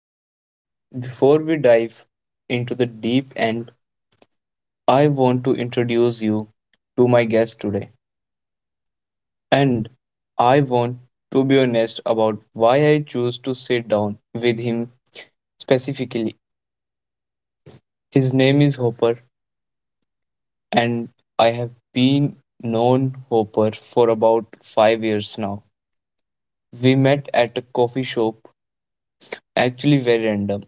So, before we dive into the deep end, I want to introduce you to my guest today. And I want to be honest about why I chose to sit down with him specifically. His name is Hopper, and I have been known Hopper for about 5 years now. We met at a coffee shop, actually very random.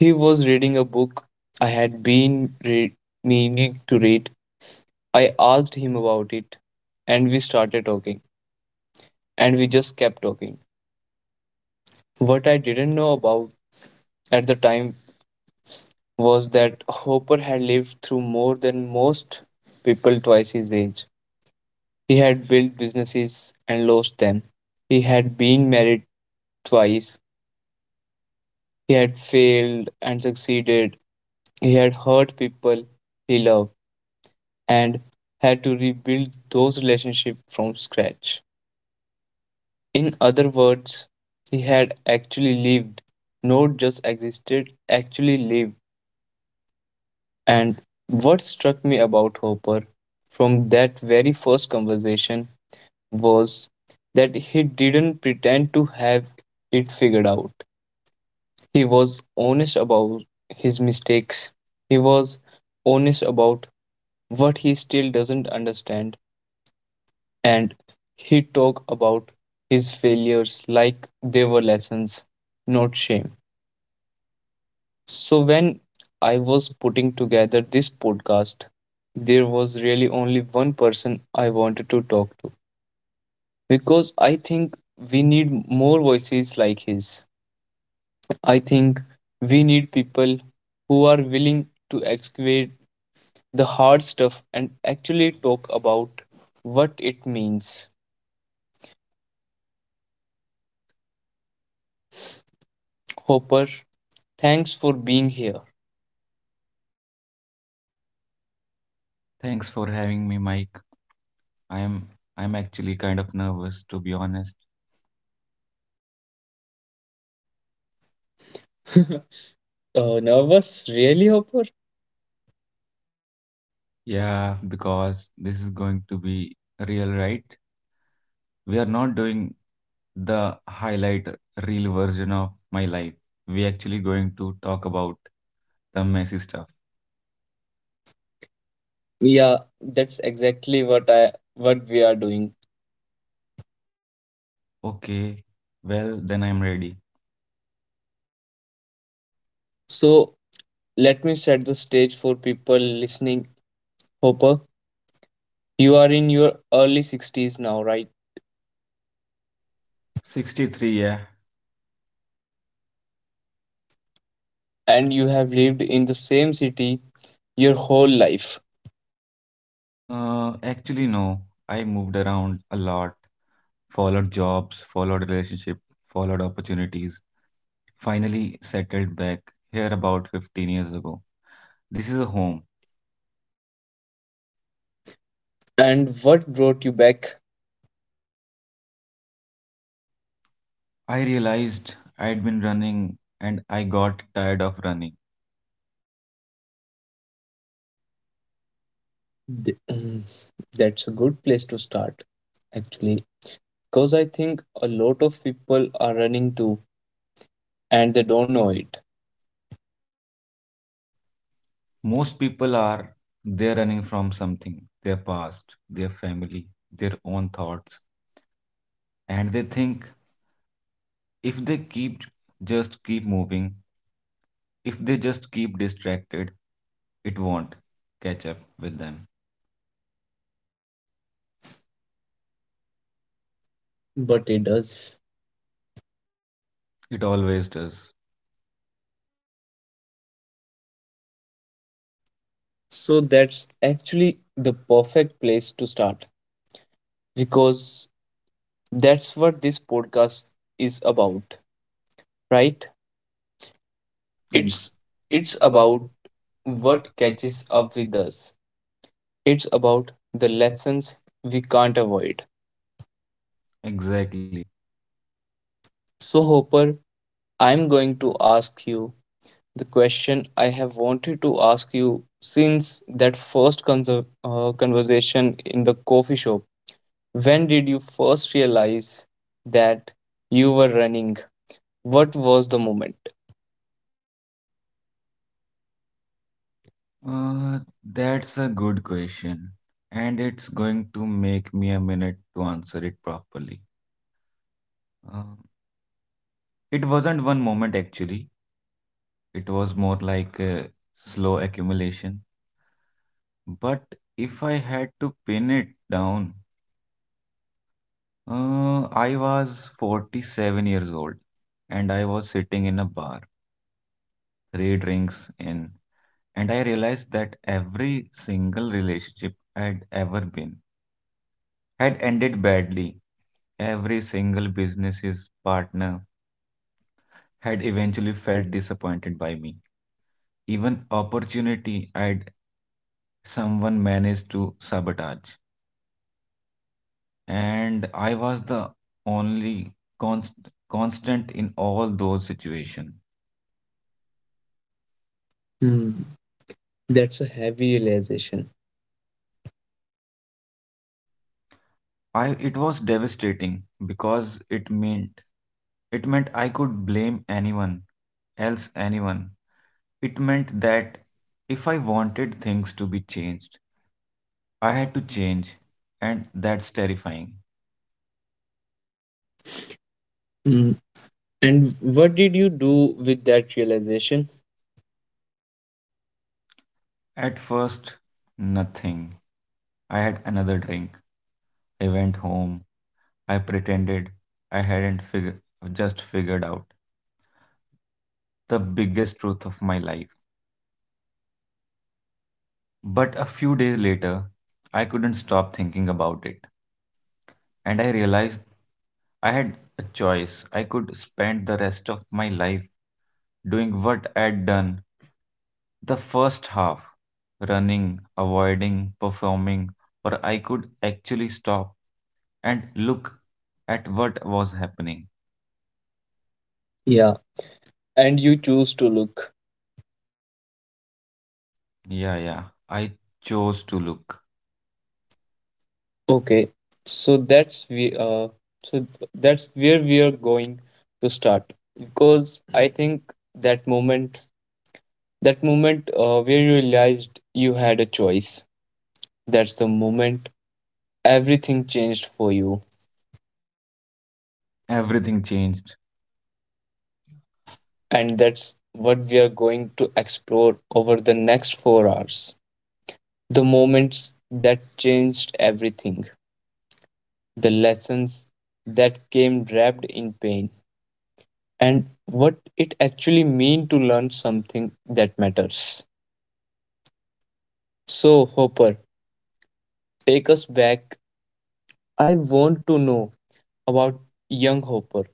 He was reading a book I had been meaning to read. I asked him about it, and we started talking, and we just kept talking. What I didn't know about at the time was that Hopper had lived through more than most people twice his age. He had built businesses and lost them. He had been married twice. He had failed and succeeded. He had hurt people he loved and had to rebuild those relationships from scratch. In other words, he had actually lived, not just existed, actually lived. And what struck me about Hopper from that very first conversation was that he didn't pretend to have it figured out. He was honest about his mistakes, he was honest about what he still doesn't understand, and he talked about his failures like they were lessons, not shame. So, when I was putting together this podcast, there was really only one person I wanted to talk to because I think we need more voices like his. I think we need people who are willing to excavate the hard stuff and actually talk about what it means. Hopper, thanks for being here. Thanks for having me, Mike. I'm I'm actually kind of nervous to be honest. Oh, nervous? Really, Hopper? Yeah, because this is going to be real, right? We are not doing the highlight reel version of my life. We actually going to talk about the messy stuff. Yeah, that's exactly what we are doing. Okay, well then I'm ready. So let me set the stage for people listening. Hopper, you are in your early 60s now, right? 63, yeah. And you have lived in the same city your whole life. Actually no. I moved around a lot, followed jobs, followed relationship, followed opportunities. Finally settled back here about 15 years ago. This is a home. And what brought you back? I realized I'd been running and I got tired of running. Th- mm, That's a good place to start, actually. Because I think a lot of people are running too, and they don't know it. Most people are they're running from something, their past, their family, their own thoughts, and they think if they keep just keep moving, if they just keep distracted, it won't catch up with them. But it does. It always does. So that's actually the perfect place to start. Because that's what this podcast is about, right? And it's It's it's it's about about what what catches catches up up with. with us. It's about the lessons we can't avoid. Exactly. So, Hopper, I'm going to ask you the question I have wanted to ask you since that first conversation in the coffee shop. When did you first realize that you were running? What was the moment? Uh, that's a good question, and it's going to make me a minute to answer it properly. Um, it wasn't one moment actually, it was more like a slow accumulation. But if I had to pin it down, I was 47 years old and I was sitting in a bar, three drinks in, and I realized that every single relationship I'd ever been had ended badly. Every single business's partner had eventually felt disappointed by me. Even opportunity I'd someone managed to sabotage. And I was the only const- constant in all those situations. Hmm, that's a heavy realization. I It was devastating because it meant I could blame anyone else anyone. It meant that if I wanted things to be changed, I had to change, and that's terrifying. And what did you do with that realization? At first, nothing. I had another drink. I went home. I pretended I hadn't fig- just figured out the biggest truth of my life. But a few days later, I couldn't stop thinking about it, and I realized I had a choice. I could spend the rest of my life doing what I had done the first half, running, avoiding, performing, or I could actually stop and look at what was happening. Yeah. And you choose to look. Yeah. I chose to look. Okay, so so that's where we are going to start, because I think that moment, where you realized you had a choice, that's the moment everything changed for you. Everything changed. And that's what we are going to explore over the next 4 hours: the moments that changed everything, the lessons that came wrapped in pain, and what it actually means to learn something that matters. So, Hopper, take us back. I want to know about young Hopper.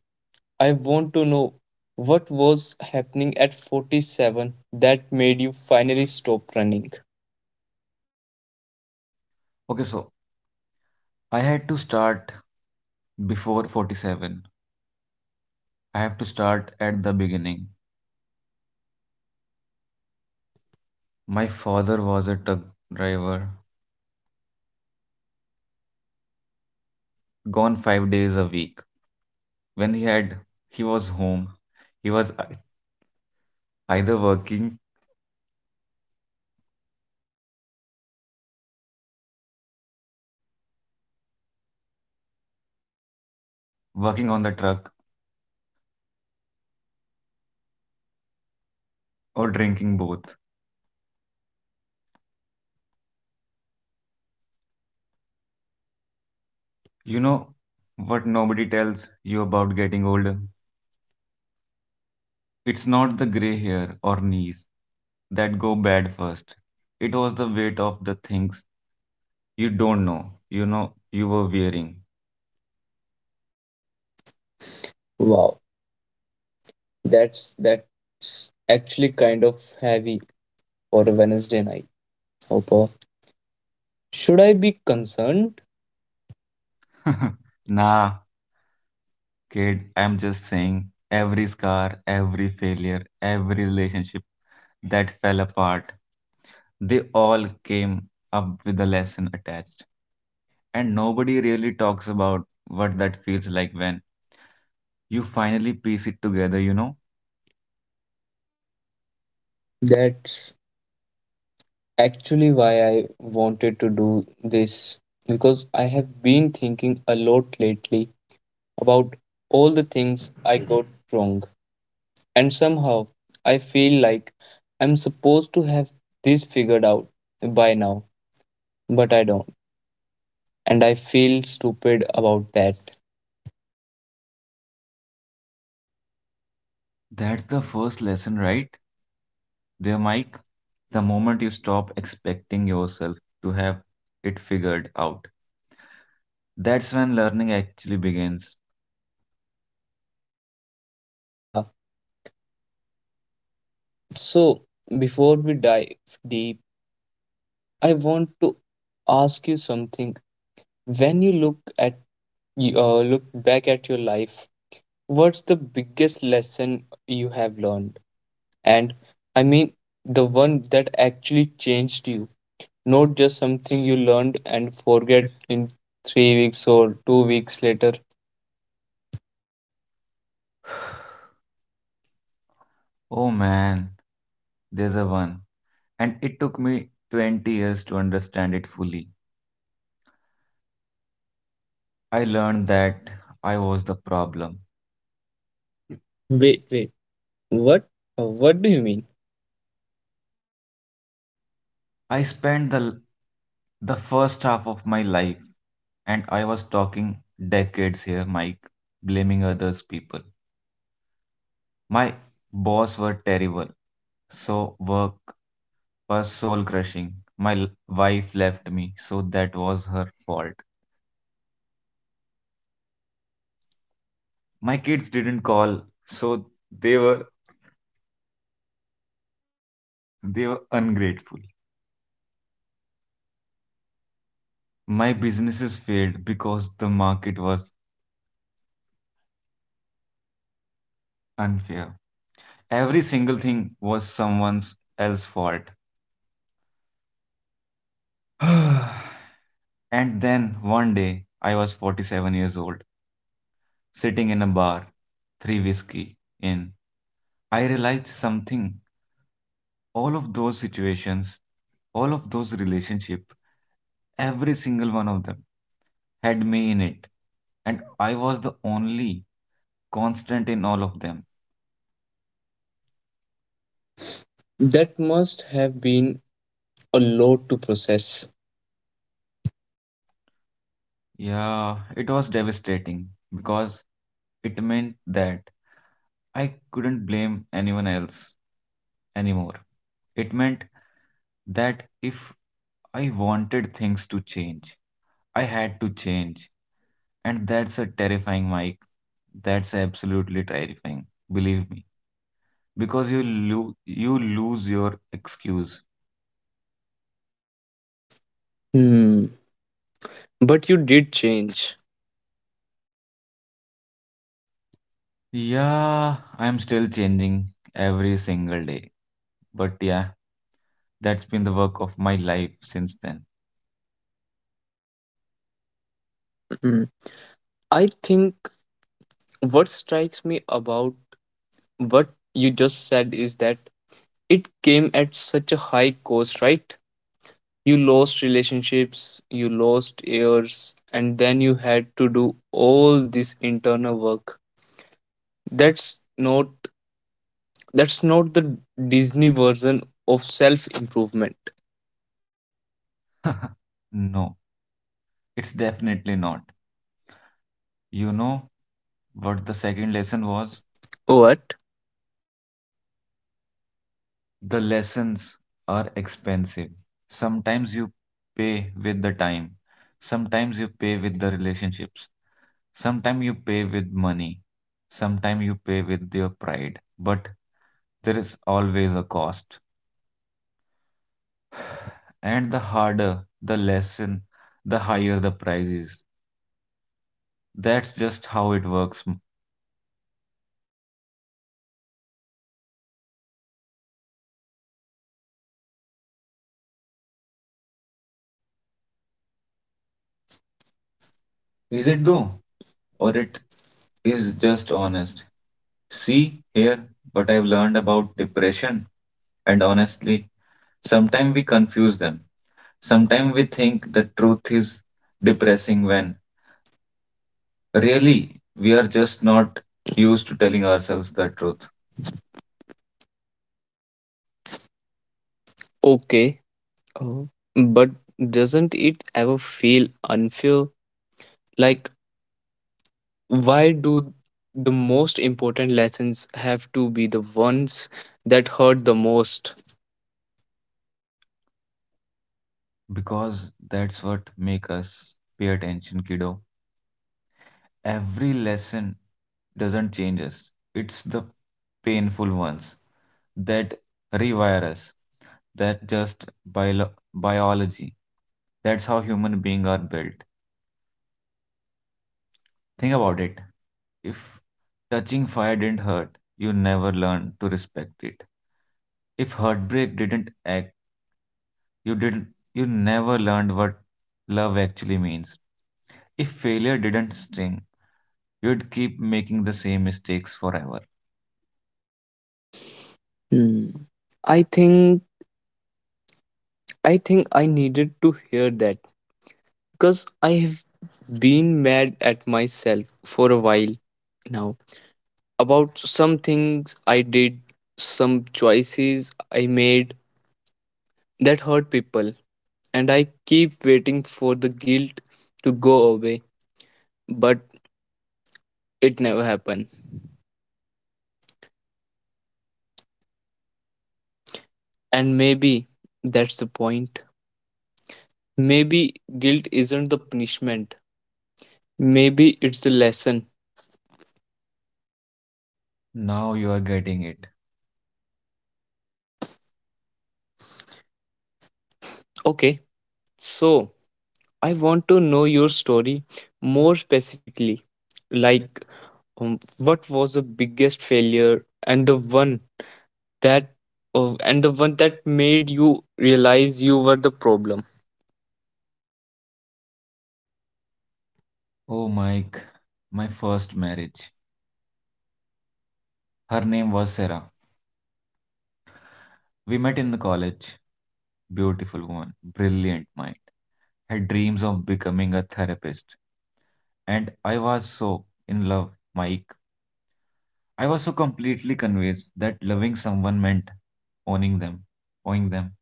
I want to know what was happening at 47 that made you finally stop running. Okay, so I had to start before 47. I have to start at the beginning. My father was a truck driver, gone 5 days a week. When he was home. He was either working on the truck or drinking both. You know what nobody tells you about getting older? It's not the gray hair or knees that go bad first. It was the weight of the things you don't know, you were wearing. Wow, that's actually kind of heavy for a Wednesday night, Hopper. Should I be concerned? Nah, kid, I'm just saying every scar, every failure, every relationship that fell apart, they all came up with a lesson attached. And nobody really talks about what that feels like when you finally piece it together, you know? That's actually why I wanted to do this, because I have been thinking a lot lately about all the things I got wrong. And somehow I feel like I'm supposed to have this figured out by now, but I don't. And I feel stupid about that. That's the first lesson, right? There, Mike. The moment you stop expecting yourself to have it figured out, that's when learning actually begins. Uh, so, before we dive deep, I want to ask you something. When you look back at your life. What's the biggest lesson you have learned? And I mean, the one that actually changed you, not just something you learned and forget in 3 weeks or 2 weeks later. Oh man, there's a one. And it took me 20 years to understand it fully. I learned that I was the problem. Wait, wait, what? What do you mean? I spent the first half of my life, and I was talking decades here, Mike, blaming others people. My boss were terrible, so work was soul crushing. My wife left me, so that was her fault. My kids didn't call, so they were they were ungrateful. My businesses failed because the market was unfair. Every single thing was someone's else fault. And then one day I was 47 years old. Sitting in a bar, three whiskey in. I realized something. All of those situations, all of those relationships, every single one of them had me in it. And I was the only constant in all of them. That must have been a lot to process. Yeah, it was devastating because it meant that I couldn't blame anyone else anymore. It meant that if I wanted things to change, I had to change. And that's a terrifying, Mike. That's absolutely terrifying. Believe me. Because you lose your excuse. Hmm. But you did change. Yeah, I'm still changing every single day. But yeah, that's been the work of my life since then. Hmm. I think what strikes me about what you just said is that it came at such a high cost, right? You lost relationships, you lost years, and then you had to do all this internal work. That's not that's not the Disney version of self improvement. No, it's definitely not. You know what the second lesson was? Was what? The lessons are expensive. Sometimes you pay with the time. Sometimes you pay with the relationships. Sometimes you pay with money. Sometimes you pay with your pride. But there is always a cost. And the harder the lesson, the higher the price is. That's just how it works. Is Is it it though, though? Or or it it is is just just honest? honest? See See here here what what I've I've learned learned about about depression depression, and and honestly, honestly, sometimes sometimes we we confuse confuse them. them. Sometimes Sometimes we we think think the the truth truth is is depressing depressing when when really, really we we are are just just not not used used to to telling telling ourselves ourselves the the truth. truth. Okay, uh, but doesn't it ever feel unfair? Like, why do the most important lessons have to be the ones that hurt the most? Because that's what make us pay attention, kiddo. Every lesson doesn't change us. It's the painful ones that rewire us. That just biology. That's how human beings are built. Think about it. If touching fire didn't hurt, you never learned to respect it. If heartbreak didn't act, you didn't you never learned what love actually means. If failure didn't sting, you'd keep making the same mistakes forever. Hmm. I think I think I needed to hear that, because I have been mad at myself for a while now about some things I did, some choices I made, that hurt people. And I keep waiting for the guilt to go away, but it never happened. And maybe that's the point. Maybe guilt isn't the punishment, maybe it's a lesson. Now you are getting it. Okay, so I want to know your story more specifically. Like, what was the biggest failure, and that the one that made you realize you were the problem? Oh, Mike, my first marriage. Her name was Sarah. We met in the college. Beautiful woman, brilliant mind. Had dreams of becoming a therapist. And I was so in love, Mike. I was so completely convinced that loving someone meant owning them, owning them.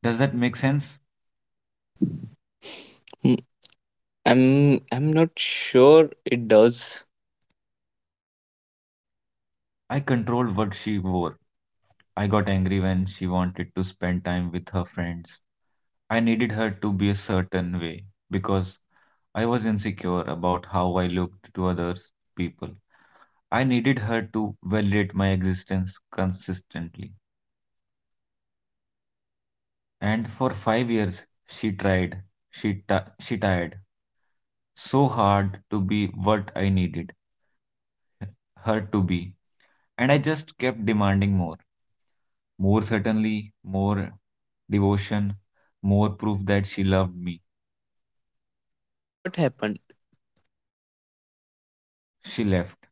Does that make sense? I'm not sure it does. I controlled what she wore. I got angry when she wanted to spend time with her friends. I needed her to be a certain way because I was insecure about how I looked to other people. I needed her to validate my existence consistently. And for 5 years, she tried. She tried so hard to be what I needed her to be. And I just kept demanding more. More certainly, more devotion, more proof that she loved me. What happened? She left.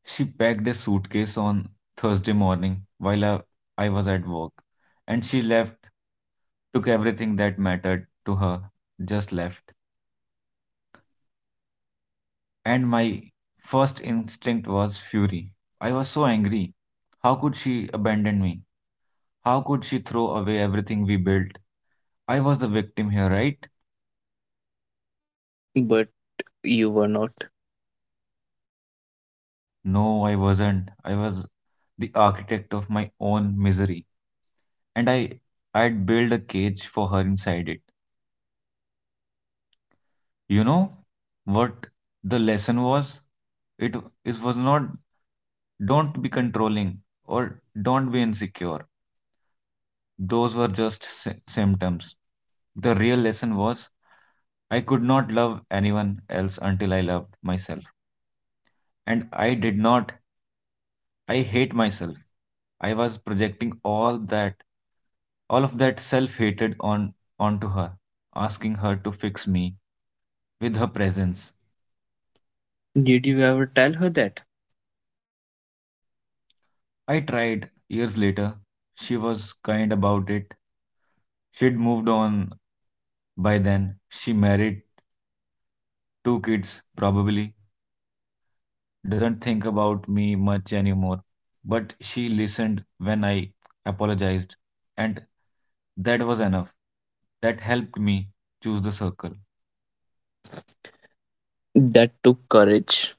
She packed a suitcase on Thursday morning while I was at work, and she left, took everything that mattered to her, just left. And my first instinct was fury. I was so angry. How could she abandon me? How could she throw away everything we built? I was the victim here, right? But you were not. No, I wasn't. I was the architect of my own misery, and I'd build a cage for her inside it. You know what the lesson was? It it was not don't be controlling or don't be insecure. Those were just symptoms. The real lesson was I could not love anyone else until I loved myself, and I did not I hate myself. I was projecting all of that self-hatred on onto her, asking her to fix me with her presence. Did you ever tell her that? I tried years later. She was kind about it. She'd moved on by then. She married two kids, probably. Doesn't think about me much anymore. But she listened when I apologized, and that was enough. That helped me choose the circle. That took courage.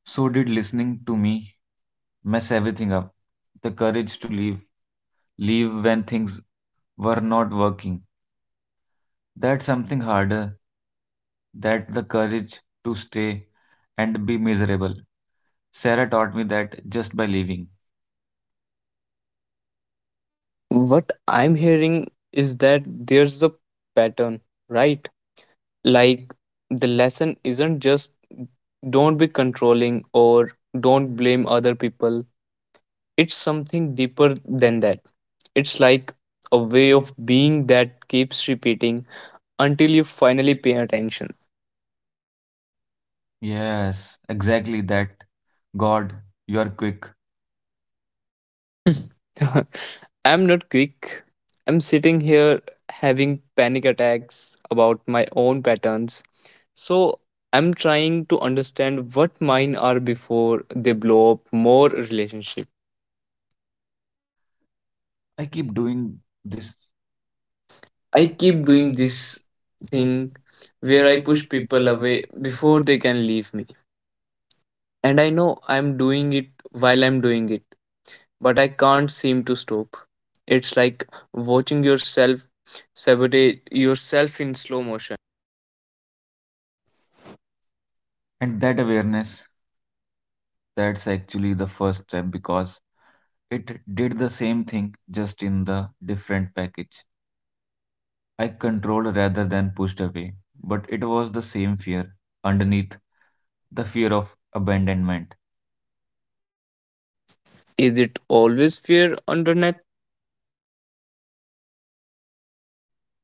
So did listening to me mess everything up? The courage to leave, leave when things were not working. That's something harder that the courage to stay and be miserable. Sarah taught me that just by leaving. What I'm hearing is that there's a pattern, right? Like, the lesson isn't just don't be controlling or don't blame other people. It's something deeper than that. It's like a way of being that keeps repeating until you finally pay attention. Yes, exactly that. God, you are quick. I'm not quick. I'm sitting here having panic attacks about my own patterns. So I'm trying to understand what mine are before they blow up more relationship. I keep doing this. I I keep keep doing doing this this thing thing where where I I push push people people away away before. before they can leave me. And I know I'm doing it while I'm doing it, but I can't seem to stop. It's like watching yourself sabotage yourself in slow motion. And that awareness, that's actually the first step because it did the same thing, just in the different package. I controlled rather than pushed away, but it was the same fear underneath the fear of abandonment. Is it always fair internet?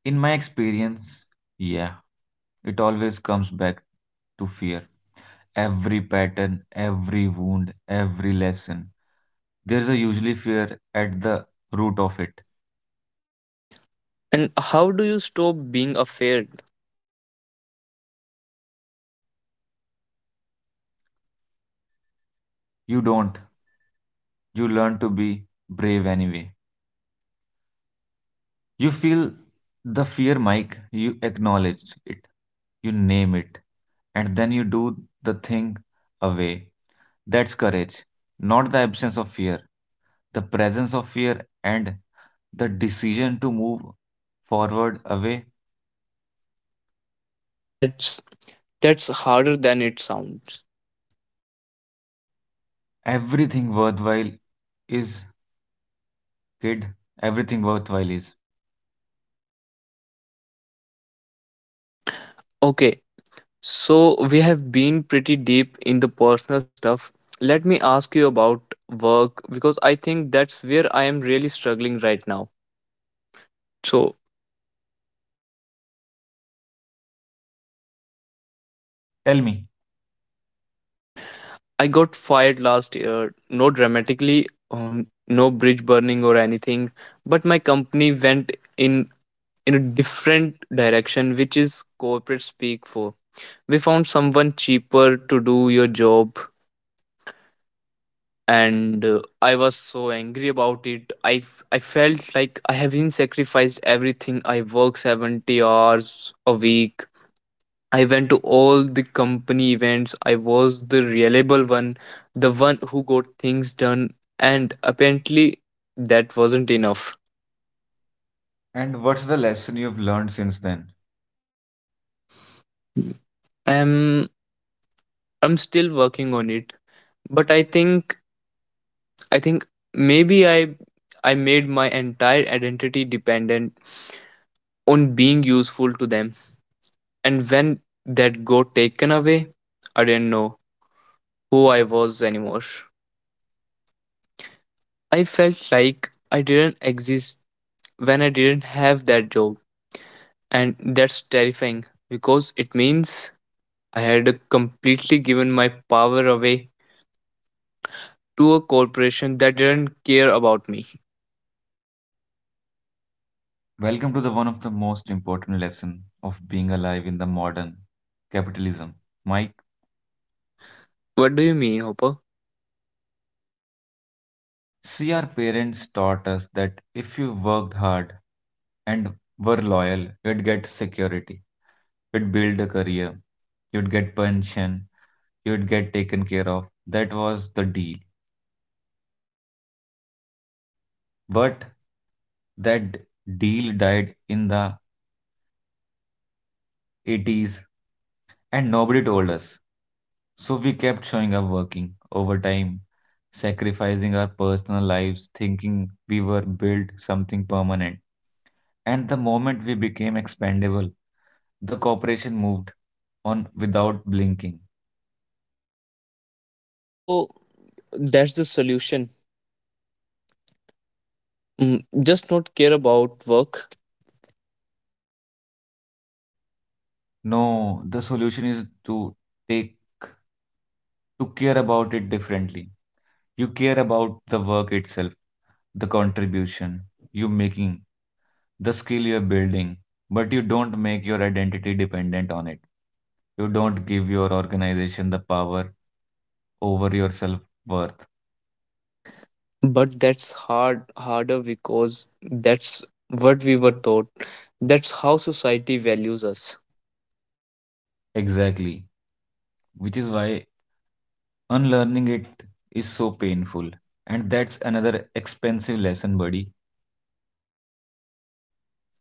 In my experience, yeah, it always comes back to fear. Every pattern, every wound, every lesson, there's a usually fear at the root of it. And how do you stop being afraid? You don't, you learn to be brave anyway. You feel the fear, Mike. You acknowledge it. You name it. And then you do the thing away. That's courage, not the absence of fear. The presence of fear and the decision to move forward away. That's that's harder than it sounds. Everything worthwhile is, kid. Everything worthwhile is. Okay, so we have been pretty deep in the personal stuff. Let me ask you about work, because I think that's where I am really struggling right now. So Tell me. I got fired last year, no dramatically, on no bridge burning or anything, but my company went in in a different direction, which is corporate speak for we found someone cheaper to do your job. And I was so angry about it. I felt like I have been sacrificed everything. I work 70 hours a week. I went to all the company events. I was the reliable one, the one who got things done, and apparently that wasn't enough. And what's the lesson you've learned since then? um I'm still working on it, but I think maybe I made my entire identity dependent on being useful to them. And when that got taken away, I didn't know who I was anymore. I felt like I didn't exist when I didn't have that job. And that's terrifying, because it means I had completely given my power away to a corporation that didn't care about me. Welcome to the one of the most important lesson of being alive in the modern capitalism. Mike. What do you mean, Hopper? See, our parents taught us that if you worked hard and were loyal, you'd get security, you'd build a career, you'd get pension, you'd get taken care of. That was the deal. But that deal died in the 80s and nobody told us. So we kept showing up working overtime, sacrificing our personal lives, thinking we were built something permanent. And the moment we became expendable, the corporation moved on without blinking. So that's the solution? Just not care about work? No, the solution is to take to care about it differently. You care about the work itself, the contribution you're making, the skill you're building, but you don't make your identity dependent on it. You don't give your organization the power over your self worth. But that's harder, because that's what we were taught. That's how society values us. Exactly. Which is why unlearning it is so painful. And that's another expensive lesson, buddy.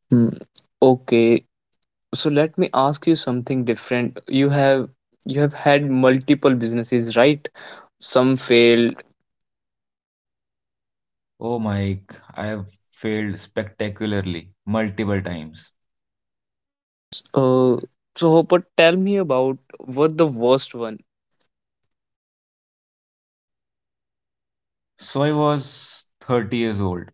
Hmm. Okay, so let me ask you something different. You have, had multiple businesses, right? Some failed. Oh, Mike, I have failed spectacularly multiple times. S- uh, so, hopper, tell me about what the worst one. So I was 30 years old,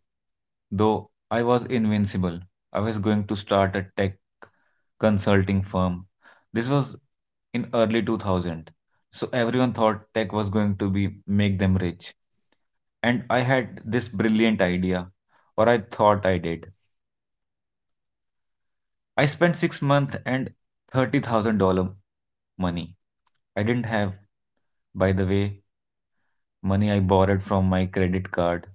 though I was invincible. I was going to start a tech consulting firm. This was in early 2000. So everyone thought tech was going to be make them rich. And I had this brilliant idea, or I thought I did. I spent 6 months and $30,000 in money. I didn't have, by the way, money I borrowed from my credit card.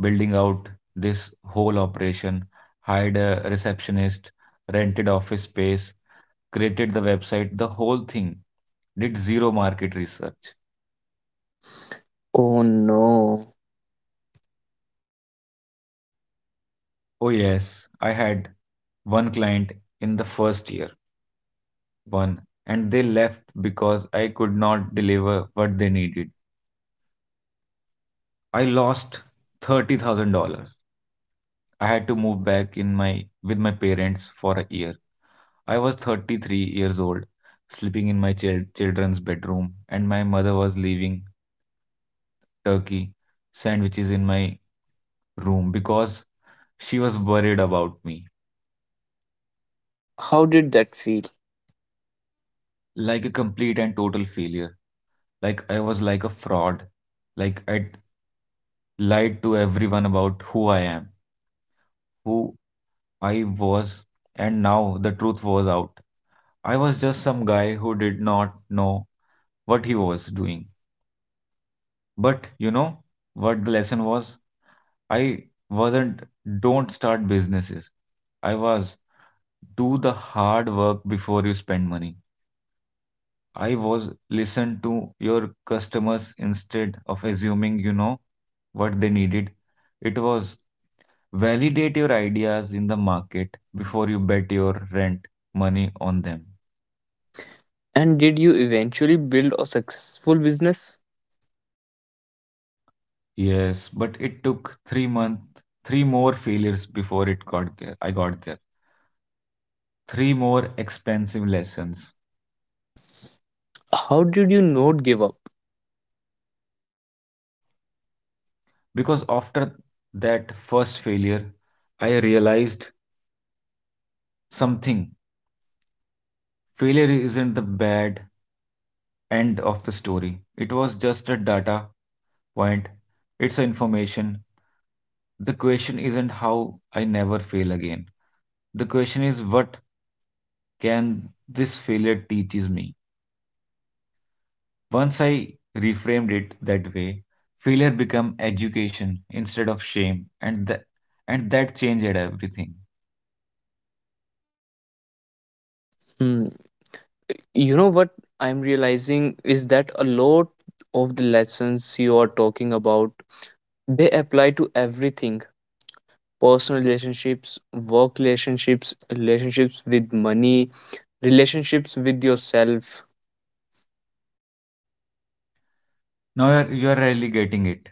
Building out this whole operation, hired a receptionist, rented office space, created the website, the whole thing. Did zero market research. Oh no. Oh yes, I had one client in the first year, one, and they left because I could not deliver what they needed. I lost $30,000. I had to move back in my with my parents for a year. I was 33 years old, sleeping in my children's bedroom, and my mother was leaving turkey sandwiches in my room because she was worried about me. How did that feel? Like a complete and total failure. Like I was like a fraud. Like I lied to everyone about who who I was, and now the truth was out. I was just some guy who did not know what he was doing. But you know what the lesson was? I wasn't don't start businesses. I was do the hard work before you spend money. I was listen to your customers instead of assuming you know what they needed. It was validate your ideas in the market before you bet your rent money on them. And did you eventually build a successful business? Yes, but it took 3 month, three more failures before it got there. I got there. Three more expensive lessons. How did you not give up? Because after that first failure, I realized something. Failure isn't the bad end of the story, it was just a data point, it's information. The question isn't how I never fail again. The question is what can this failure teaches me? Once I reframed it that way, failure become education instead of shame and that changed everything. Hmm. You know what I'm realizing is that a lot of the lessons you are talking about, they apply to everything: personal relationships, work relationships, relationships with money, relationships with yourself. Now you're really getting it.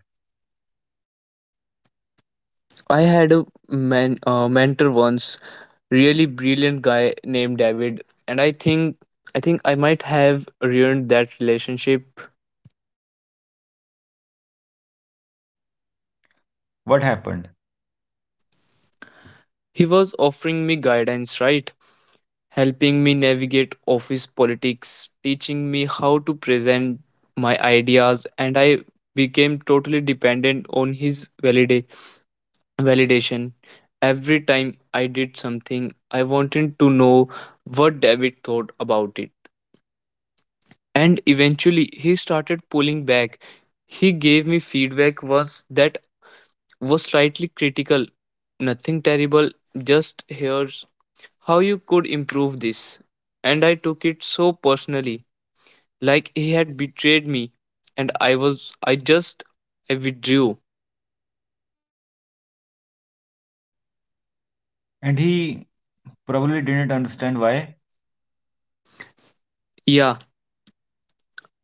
I had a mentor once, really brilliant guy named David. And I think I might have ruined that relationship. What happened? He was offering me guidance, right? Helping me navigate office politics, teaching me how to present my ideas, and I became totally dependent on his validation. Every time I did something, I wanted to know what David thought about it. And eventually, he started pulling back. He gave me feedback once that was slightly critical, nothing terrible, just here how you could improve this. And I took it so personally, like he had betrayed me, and I withdrew. And he probably didn't understand why. Yeah,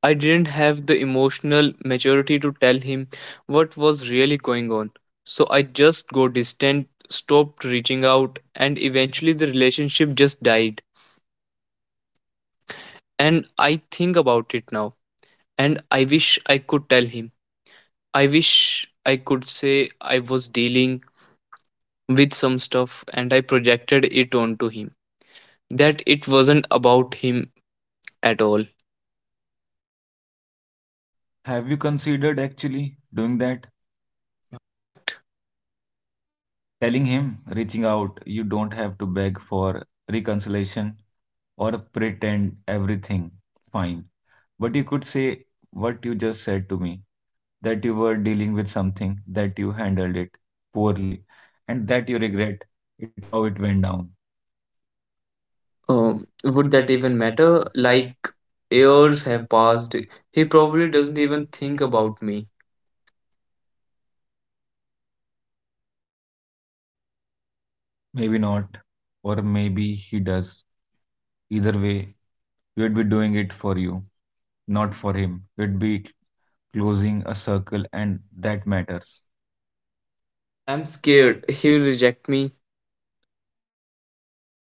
I didn't have the emotional maturity to tell him what was really going on. So I just got distant, stopped reaching out, and eventually the relationship just died. And I think about it now, and I wish I could tell him. I wish I could say I was dealing with some stuff and I projected it onto him. That it wasn't about him at all. Have you considered actually doing that? What? Telling him, reaching out, you don't have to beg for reconciliation or pretend everything fine. But you could say what you just said to me that you were dealing with something, that you handled it poorly, and that you regret it how it went down. Oh, Would would that that even even matter? matter? Like, Like, years years have have passed. passed. He He probably probably doesn't doesn't even even think think about about me. me. Maybe not. Or maybe he does. Either way, you'd be doing it for you, not for him. You'd be closing a circle, and that matters. I'm I'm scared scared. he will reject me.